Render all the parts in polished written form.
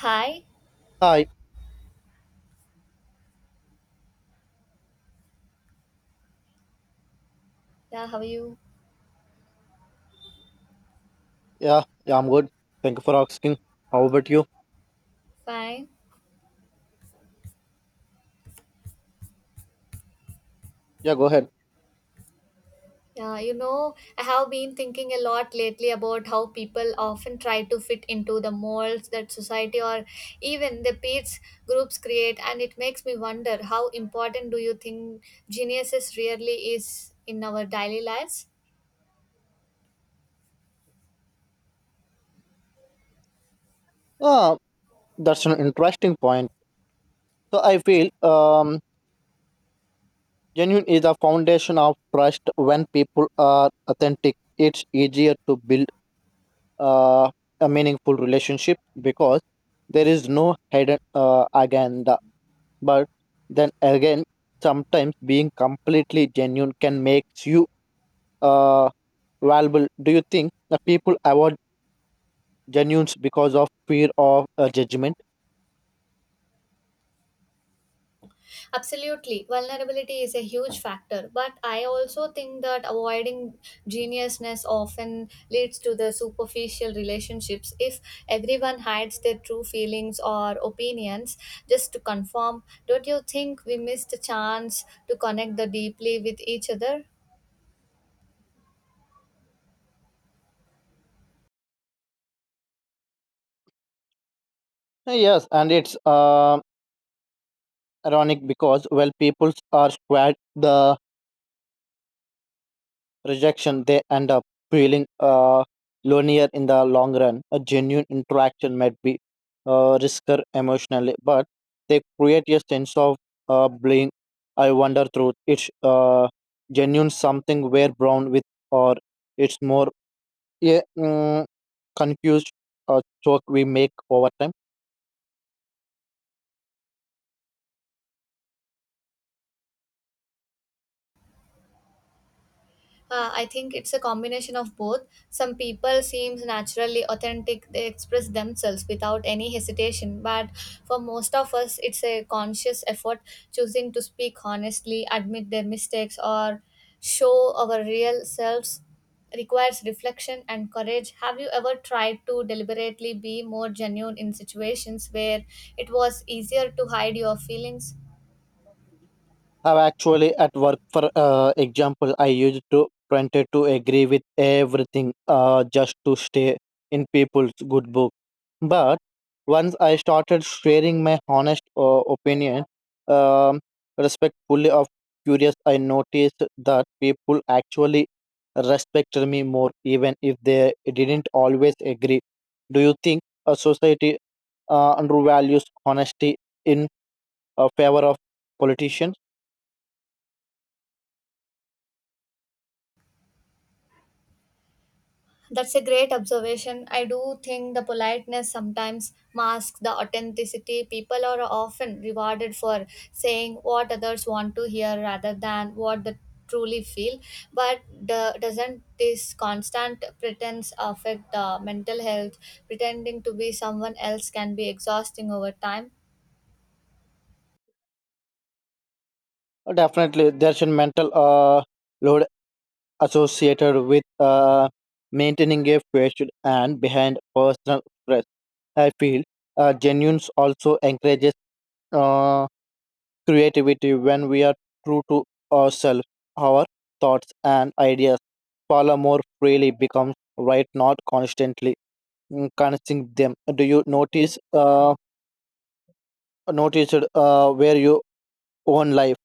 Hi, Hi. yeah, how are you? Yeah, yeah, I'm good. Thank you for asking. How about you? Fine. Yeah, go ahead. I have been thinking a lot lately about how people often try to fit into the molds that society or even the peers groups create, and it makes me wonder how important do you think geniuses really is in our daily lives? Ah, that's an interesting point. So I feel genuine is a foundation of trust. When people are authentic, it's easier to build uh, a meaningful relationship because there is no hidden agenda. But then again, sometimes being completely genuine can make you uh, valuable. Do you think that people avoid genuine because of fear of judgment? Absolutely. Vulnerability is a huge factor, but I also think that avoiding geniusness often leads to the superficial relationships. If everyone hides their true feelings or opinions just to conform, don't you think we miss the chance to connect the deeply with each other? Yes, and it's ironic because well, people are squared the rejection, they end up feeling lonelier in the long run. A genuine interaction might be riskier emotionally, but they create a sense of blame. I wonder through it's genuine something we're born with, or it's more yeah, mm, confused talk we make over time. I think it's a combination of both. Some people seems naturally authentic; they express themselves without any hesitation. But for most of us, it's a conscious effort, choosing to speak honestly, admit their mistakes, or show our real selves requires reflection and courage. Have you ever tried to deliberately be more genuine in situations where it was easier to hide your feelings? I've actually at work, for example, I used to wanted to agree with everything just to stay in people's good book. But once I started sharing my honest opinion, um, respectfully of curious, I noticed that people actually respected me more, even if they didn't always agree. Do you think a society undervalues honesty in favor of politicians? That's a great observation. I do think the politeness sometimes masks the authenticity. People are often rewarded for saying what others want to hear rather than what they truly feel. But doesn't this constant pretense affect the mental health? Pretending to be someone else can be exhausting over time. Oh, definitely, there's a mental load associated with maintaining a fresh and behind personal stress. I feel genuines also encourages uh, creativity when we are true to ourselves. Our thoughts and ideas follow more freely, becomes right, not constantly consuming them. Do you noticed where your own life?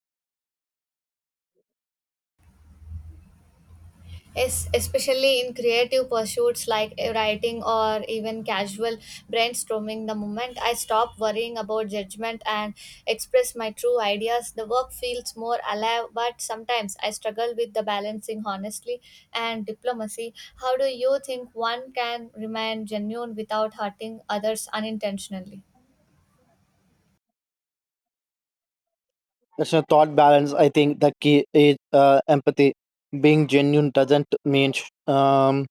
Yes, especially in creative pursuits like writing or even casual brainstorming, the moment I stop worrying about judgment and express my true ideas, the work feels more alive. But sometimes I struggle with the balancing honestly and diplomacy. How do you think one can remain genuine without hurting others unintentionally? It's a thought balance. I think the key is empathy. Being genuine doesn't mean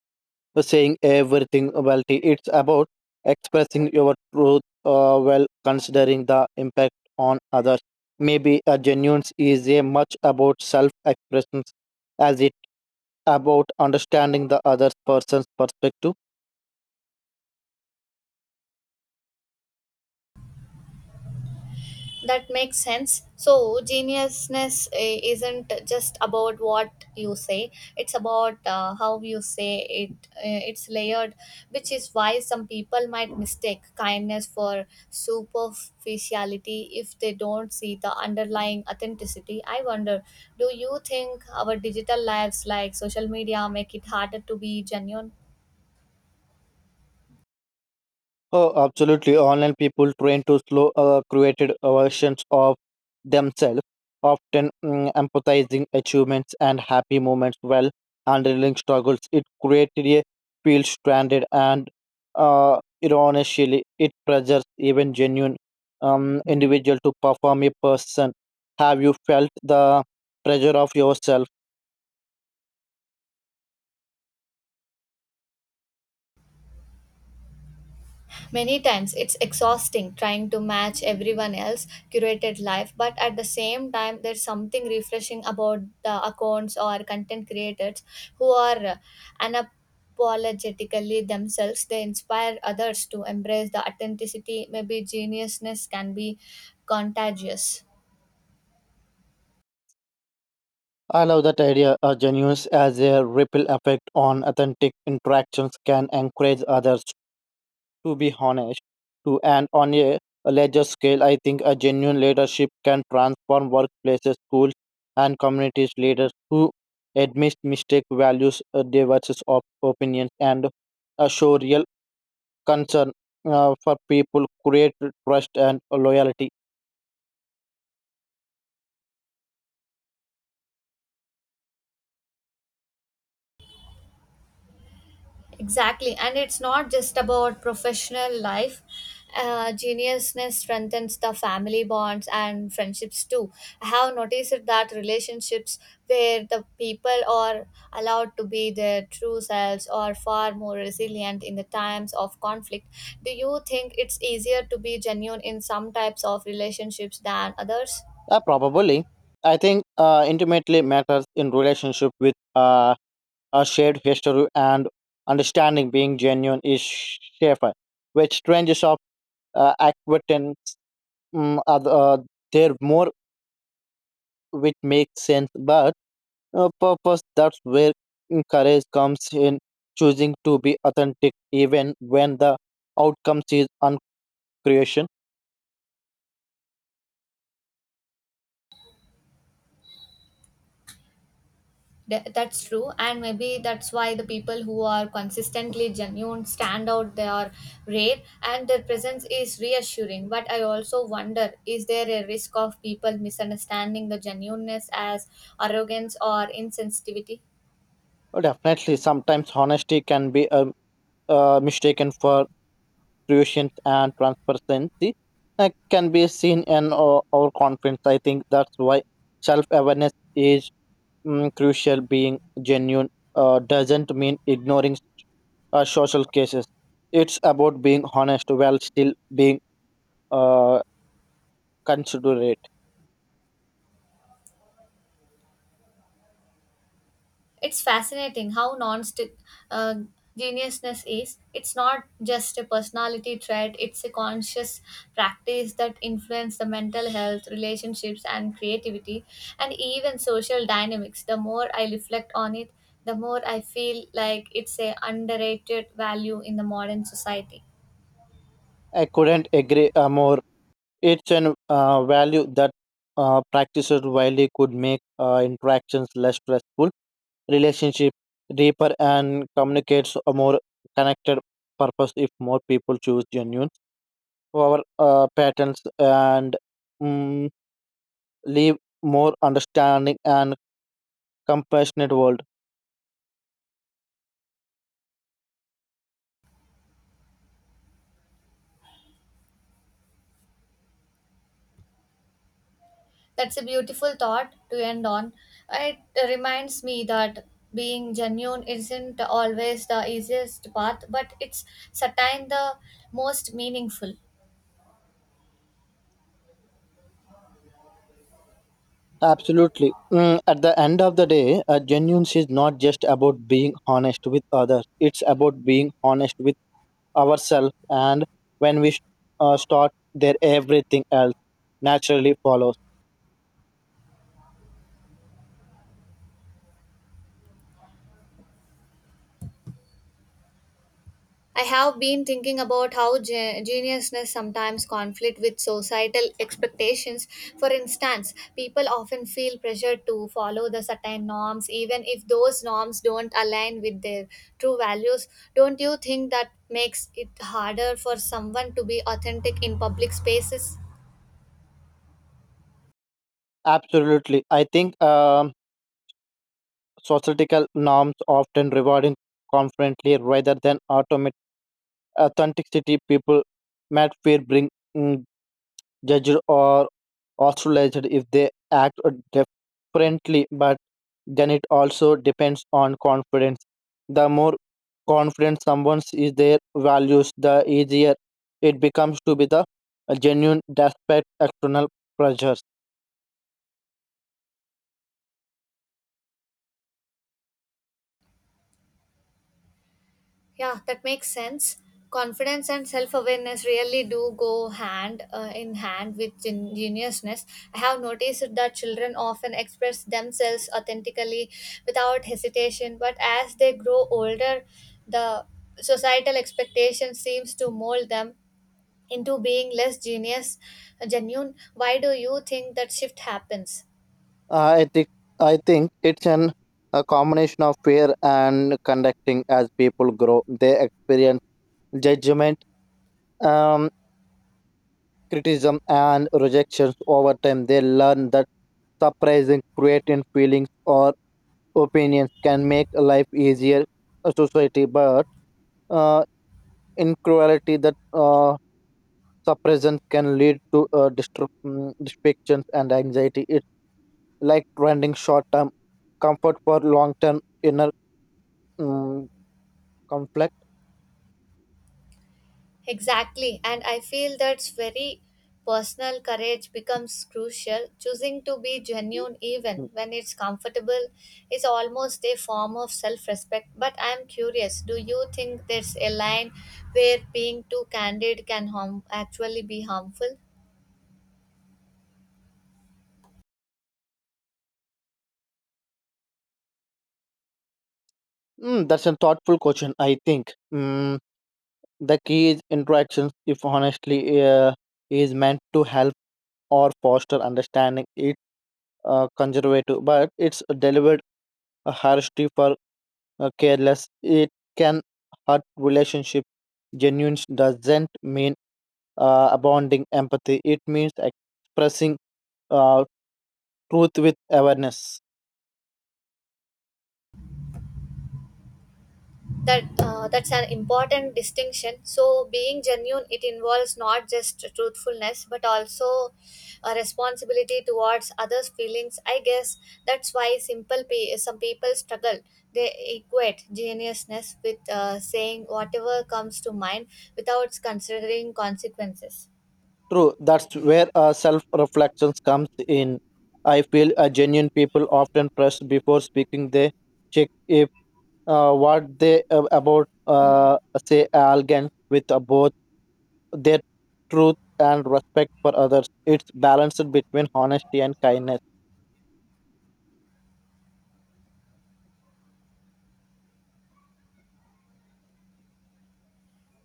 saying everything well. It's about expressing your truth while considering the impact on others. Maybe a genuine is a much about self expression as it about understanding the other person's perspective. That makes sense. So geniusness isn't just about what you say, it's about how you say it. It's layered, which is why some people might mistake kindness for superficiality if they don't see the underlying authenticity. I wonder, do you think our digital lives like social media make it harder to be genuine? Oh, absolutely. Online people trained to slow created versions of themselves, often empathizing achievements and happy moments while handling struggles. It created a feel stranded and uh, ironically, it pressures even genuine individual to perform a person. Have you felt the pressure of yourself? Many times it's exhausting trying to match everyone else curated life, but at the same time, there's something refreshing about the accounts or content creators who are unapologetically themselves. They inspire others to embrace the authenticity. Maybe geniusness can be contagious. I love that idea. A genuine as a ripple effect on authentic interactions can encourage others to be honest, to and on a larger scale, I think a genuine leadership can transform workplaces, schools, and communities. Leaders who admit mistake, values diverses of opinions, and show real concern for people create trust and loyalty. Exactly, and it's not just about professional life. Geniusness strengthens the family bonds and friendships too. I have noticed that relationships where the people are allowed to be their true selves are far more resilient in the times of conflict. Do you think it's easier to be genuine in some types of relationships than others? Probably, I think intimately matters in relationship with a shared history and understanding. Being genuine is safer, which strangers of acquaintance are they're more which makes sense but purpose that's where courage comes in choosing to be authentic even when the outcome is uncreation. That's true, and maybe that's why the people who are consistently genuine stand out. They are rare and their presence is reassuring, but I also wonder, is there a risk of people misunderstanding the genuineness as arrogance or insensitivity? Definitely sometimes honesty can be mistaken for creation and transparency can be seen in our confidence. I think that's why self-awareness is crucial. Being genuine doesn't mean ignoring social cases. It's about being honest while still being uh, considerate. It's fascinating how non uh, geniusness is. It's not just a personality trait, it's a conscious practice that influences the mental health, relationships, and creativity, and even social dynamics. The more I reflect on it, the more I feel like it's a underrated value in the modern society. I couldn't agree more. It's an value that practices widely could make interactions less stressful, relationship deeper, and communicates a more connected purpose if more people choose genuine our patterns and mm leave more understanding and compassionate world. That's a beautiful thought to end on. It reminds me that being genuine isn't always the easiest path, but it's sometimes the most meaningful. Absolutely. At the end of the day, genuine is not just about being honest with others. It's about being honest with ourselves, and when we start there, everything else naturally follows. I have been thinking about how geniusness sometimes conflict with societal expectations. For instance, people often feel pressure to follow the certain norms, even if those norms don't align with their true values. Don't you think that makes it harder for someone to be authentic in public spaces? Absolutely. I think societal norms often rewarding confidently rather than automatic authenticity. People might fear being mm, judged or ostracized if they act differently, but then it also depends on confidence. The more confident someone is their values, the easier it becomes to be the genuine despite external pressures. Yeah, that makes sense. Confidence and self awareness really do go hand in hand with geniusness. I have noticed that children often express themselves authentically without hesitation, but as they grow older, the societal expectation seems to mold them into being less genuine. Why do you think that shift happens? I think I think it's an a combination of fear and conducting as people grow. They experience judgment, um, criticism, and rejections over time. They learn that surprising creating feelings or opinions can make a life easier a society but uh, in that suppression can lead to distractions and anxiety. It's like trending short-term comfort for long-term inner mm conflict. Exactly, and I feel that's very personal courage becomes crucial. Choosing to be genuine, even when it's comfortable, is almost a form of self respect. But I'm curious, do you think there's a line where being too candid can actually be harmful? That's a thoughtful question. I think the key is interactions. If honestly, is meant to help or foster understanding, it conservative, but it's delivered a harshly for careless. It can hurt relationship. Genuine doesn't mean abounding empathy. It means expressing uh, truth with awareness. That's an important distinction. So being genuine, it involves not just truthfulness but also a responsibility towards others feelings. I guess that's why some people struggle. They equate genuineness with saying whatever comes to mind without considering consequences. True. That's where self reflections comes in. I feel genuine people often press before speaking. They check if what they about say arrogant with both their truth and respect for others. It's balanced between honesty and kindness.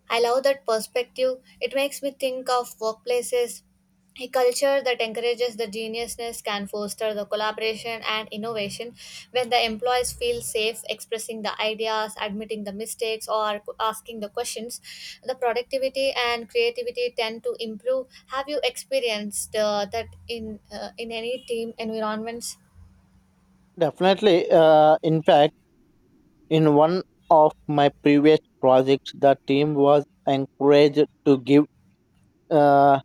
I love that perspective. It makes me think of workplaces. A culture that encourages the geniusness can foster the collaboration and innovation when the employees feel safe expressing the ideas, admitting the mistakes, or asking the questions. The productivity and creativity tend to improve. Have you experienced that in any team environments? Definitely. In fact, in one of my previous projects, the team was encouraged to give uh,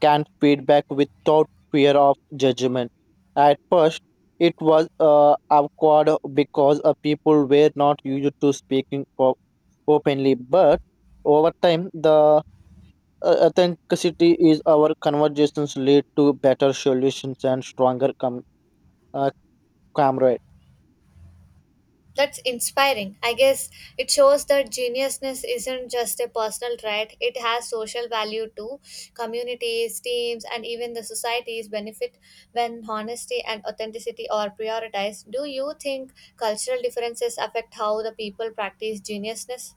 canned feedback without fear of judgment. At first, it was awkward because people were not used to speaking openly. But over time, the authenticity is our conversations lead to better solutions and stronger uh, camaraderie. That's inspiring. I guess it shows that geniusness isn't just a personal trait, it has social value too. Communities, teams, and even the societies benefit when honesty and authenticity are prioritized. Do you think cultural differences affect how the people practice geniusness?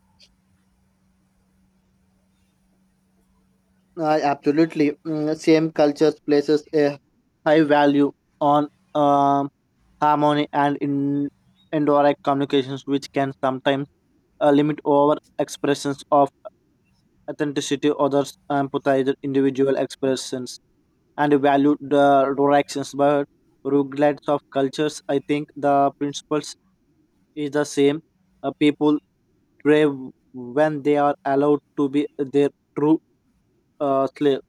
I absolutely. Same cultures places a high value on um, harmony and in indirect communications, which can sometimes limit over expressions of authenticity. Others empathize with individual expressions and value the directions, but regardless of cultures, I think the principles is the same. People crave when they are allowed to be their true self.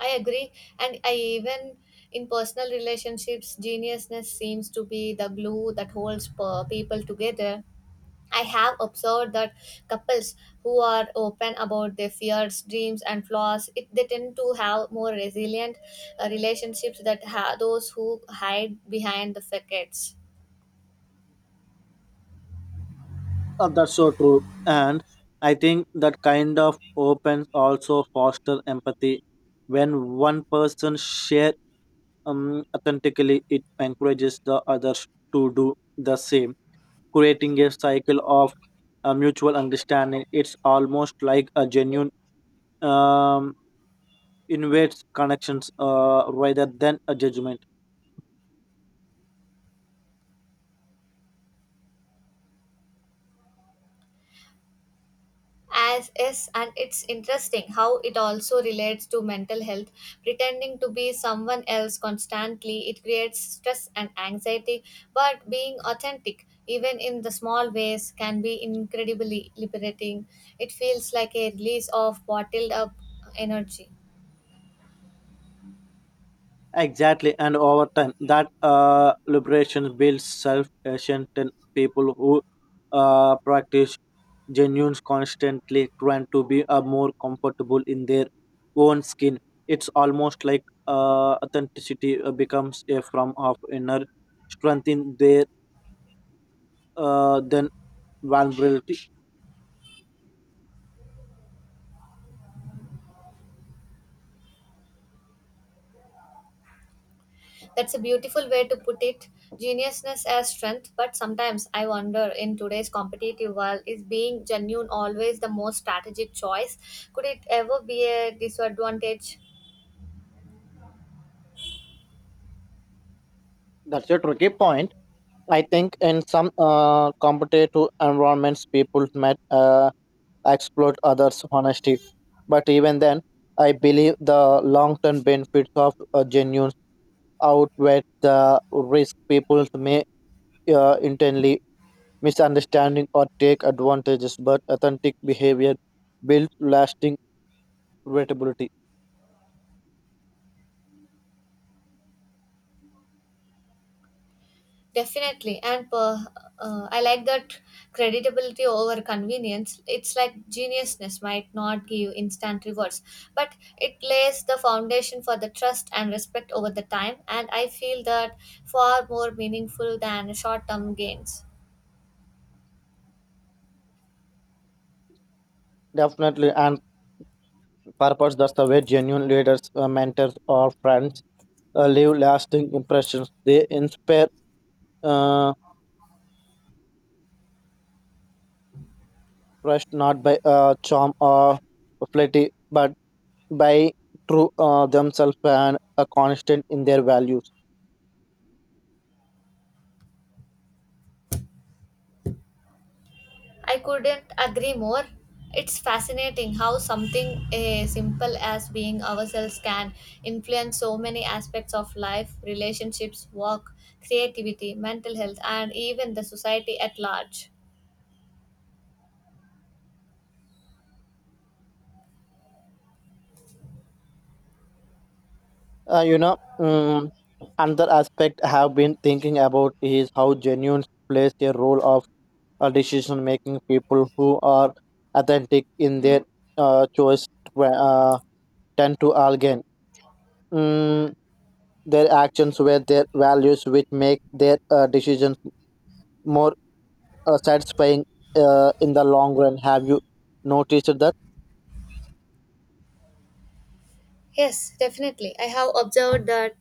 I agree, and I even in personal relationships, geniusness seems to be the glue that holds people together. I have observed that couples who are open about their fears, dreams, and flaws, they tend to have more resilient relationships than those who hide behind the facades. That's so true. And I think that kind of opens also foster empathy. When one person shares authentically, it encourages the others to do the same, creating a cycle of mutual understanding. It's almost like a genuine um, invites connections rather than a judgment. As is, and it's interesting how it also relates to mental health. Pretending to be someone else constantly, it creates stress and anxiety, but being authentic even in the small ways can be incredibly liberating. It feels like a release of bottled up energy. Exactly, and over time, that liberation builds self assurance in people who practice genuine, constantly trying to be more comfortable in their own skin. It's almost like authenticity becomes a form of inner strength in their then vulnerability. That's a beautiful way to put it. Geniusness as strength, but sometimes I wonder, in today's competitive world, is being genuine always the most strategic choice? Could it ever be a disadvantage? That's a tricky point. I think in some competitive environments, people might exploit others' honesty. But even then, I believe the long term benefits of a genuine outweigh the risk. People may intently misunderstanding or take advantages. But authentic behavior builds lasting credibility. Definitely, and I like that creditability over convenience. It's like geniusness might not give instant rewards, but it lays the foundation for the trust and respect over the time, and I feel that far more meaningful than short term gains. Definitely, and purpose that's the way genuine leaders, mentors, or friends leave lasting impressions. They inspire uh, trust not by charm or flattery, but by true themselves and a constant in their values. I couldn't agree more. It's fascinating how something simple as being ourselves can influence so many aspects of life, relationships, work, creativity, mental health, and even the society at large. Uh, you know, um, another aspect I have been thinking about is how genuine plays a role of decision making. People who are authentic in their choice uh, tend to again um, their actions with their values, which make their decisions more satisfying in the long run. Have you noticed that? Yes, definitely. I have observed that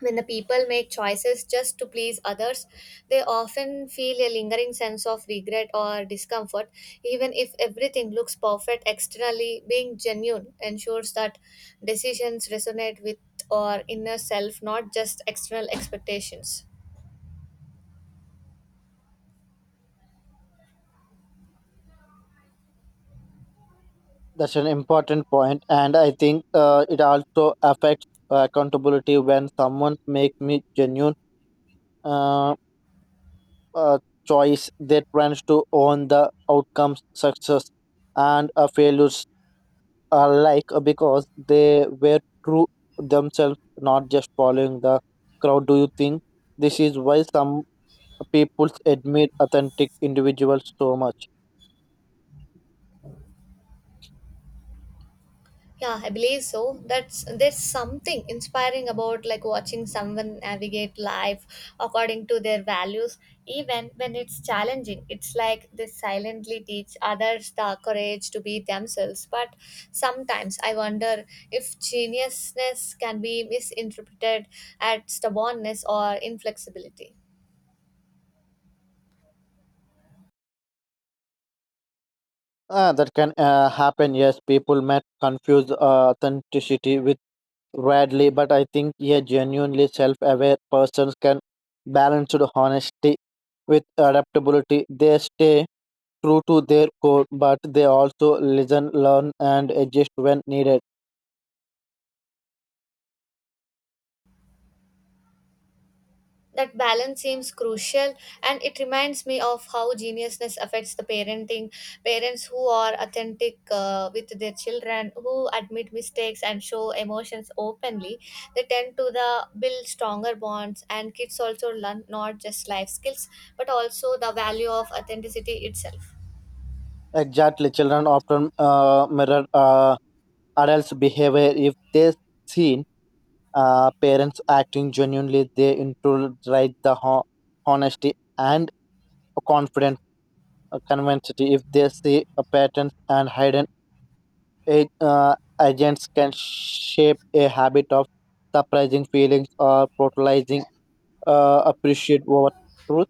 when the people make choices just to please others, they often feel a lingering sense of regret or discomfort, even if everything looks perfect externally. Being genuine ensures that decisions resonate with our inner self, not just external expectations. That's an important point, and I think it also affects accountability when someone makes me genuine uh, uh, choice. They plans to own the outcomes, success, and failures alike because they were true themselves, not just following the crowd. Do you think this is why some people admire authentic individuals so much? Yeah, I believe so. That's there's something inspiring about like watching someone navigate life according to their values, even when it's challenging. It's like they silently teach others the courage to be themselves. But sometimes I wonder if geniusness can be misinterpreted as stubbornness or inflexibility. Ah, that can happen. Yes, people might confuse authenticity with radly, but I think a genuinely self-aware persons can balance the honesty with adaptability. They stay true to their core, but they also listen, learn, and adjust when needed. That balance seems crucial, and it reminds me of how geniusness affects the parenting. Parents who are authentic with their children, who admit mistakes and show emotions openly, they tend to the build stronger bonds, and kids also learn not just life skills but also the value of authenticity itself. Exactly, children often mirror adults' behavior. If they see parents acting genuinely, they internalize the honesty and confident convinced if they see a pattern and hidden a- uh, agents can shape a habit of surprising feelings or brutalizing appreciate over truth.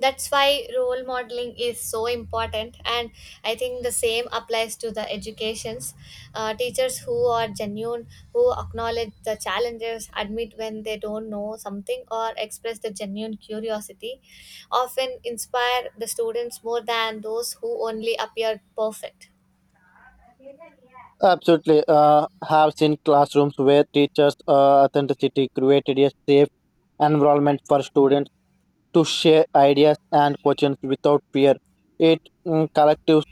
That's why role modeling is so important, and I think the same applies to the educations. Teachers who are genuine, who acknowledge the challenges, admit when they don't know something, or express the genuine curiosity, often inspire the students more than those who only appear perfect. Absolutely. Have seen classrooms where teachers authenticity created a safe environment for students to share ideas and questions without fear. It collective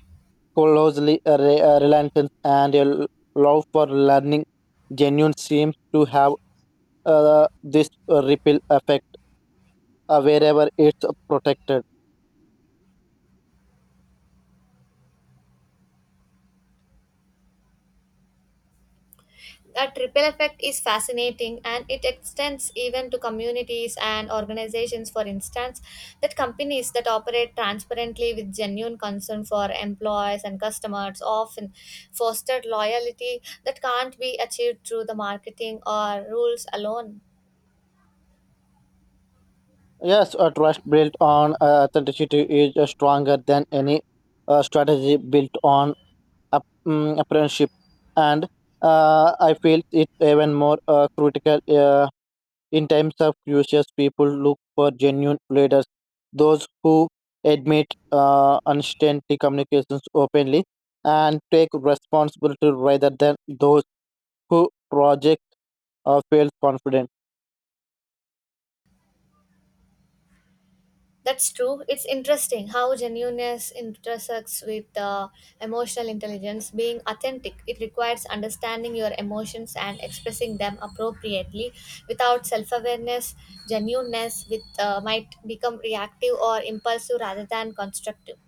closely related and a love for learning genuine seems to have this ripple effect wherever it's protected. That ripple effect is fascinating, and it extends even to communities and organizations. For instance, that companies that operate transparently with genuine concern for employees and customers often foster loyalty that can't be achieved through the marketing or rules alone. Yes, a trust built on authenticity is stronger than any strategy built on apprenticeship. And I feel it's even more critical. In times of crisis, people look for genuine leaders, those who admit uncertainty communications openly and take responsibility rather than those who project or feel confident. That's true. It's interesting how genuineness intersects with emotional intelligence. Being authentic, it requires understanding your emotions and expressing them appropriately. Without self awareness, genuineness might become reactive or impulsive rather than constructive.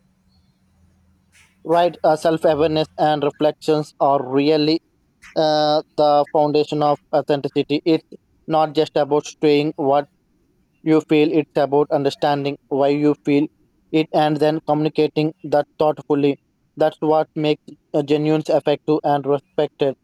Right, self awareness and reflections are really the foundation of authenticity. It's not just about doing what you feel. It's about understanding why you feel it and then communicating that thoughtfully. That's what makes a genuine effective and respected.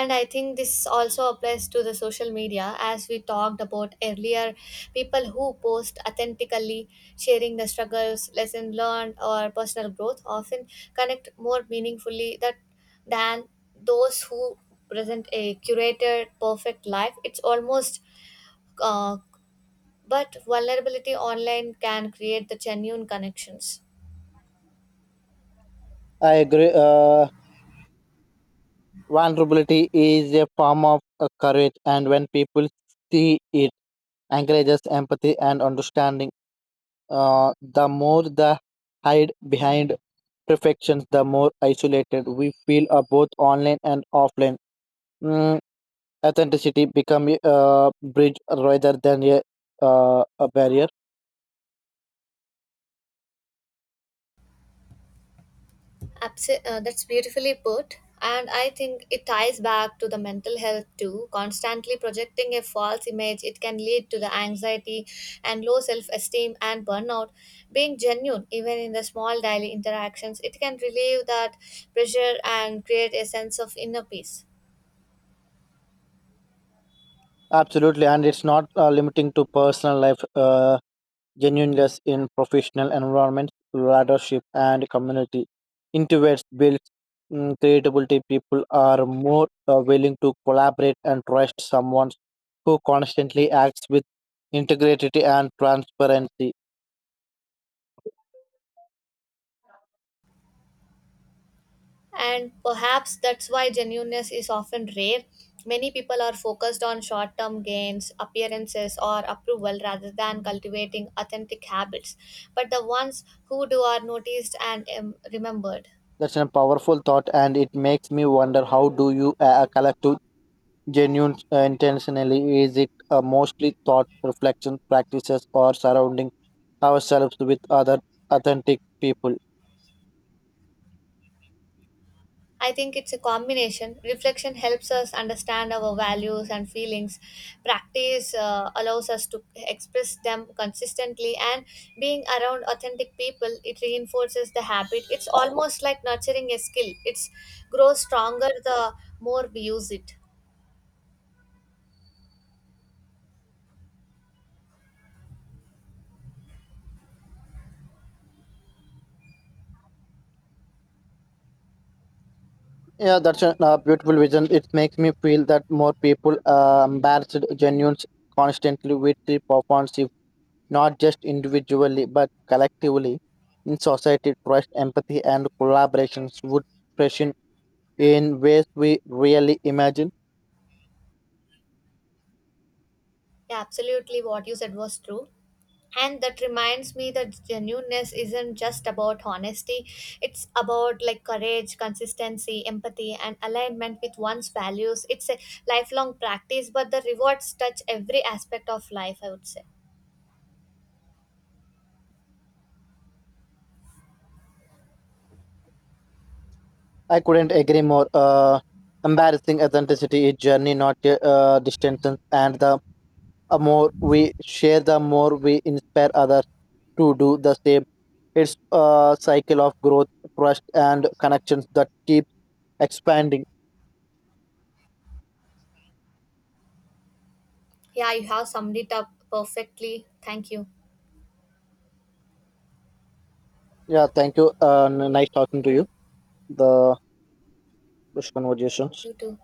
And I think this also applies to the social media, as we talked about earlier. People who post authentically, sharing the struggles, lesson learned, or personal growth, often connect more meaningfully that than those who present a curated perfect life. It's almost uh, but vulnerability online can create the genuine connections. I agree. Vulnerability is a form of courage and when people see it encourages empathy and understanding. The more the hide behind perfections the more isolated we feel both online and offline. Mm, Authenticity become a bridge rather than a barrier. That's beautifully put. And I think it ties back to the mental health too. Constantly projecting a false image, it can lead to the anxiety and low self esteem and burnout. Being genuine, even in the small daily interactions, it can relieve that pressure and create a sense of inner peace. Absolutely, and it's not limiting to personal life. Genuineness in professional environment leadership and community introverts builds creativity. People are more willing to collaborate and trust someone who constantly acts with integrity and transparency. And perhaps that's why genuineness is often rare. Many people are focused on short term gains, appearances, or approval rather than cultivating authentic habits. But the ones who do are noticed and remembered. That's a powerful thought and it makes me wonder, how do you collect genuine intentionally? Is it a mostly thought, reflection, practices, or surrounding ourselves with other authentic people? I think it's a combination. Reflection helps us understand our values and feelings. Practice allows us to express them consistently, and being around authentic people, it reinforces the habit. It's almost like nurturing a skill. It's grows stronger the more we use it. Yeah, that's a beautiful vision. It makes me feel that more people embarrassed genuine, constantly with the performance, if not just individually but collectively. In society, trust, empathy, and collaborations would freshen in ways we really imagine. Yeah, absolutely what you said was true. And that reminds me that genuineness isn't just about honesty, it's about like courage, consistency, empathy, and alignment with one's values. It's a lifelong practice, but the rewards touch every aspect of life, I would say. I couldn't agree more. Embarrassing authenticity is journey, not a distance. And the more we share, the more we inspire others to do the same. It's a cycle of growth, trust, and connections that keeps expanding. Yeah, you have summed it up perfectly. Thank you. Yeah, thank you. Nice talking to you. The This conversation. You too.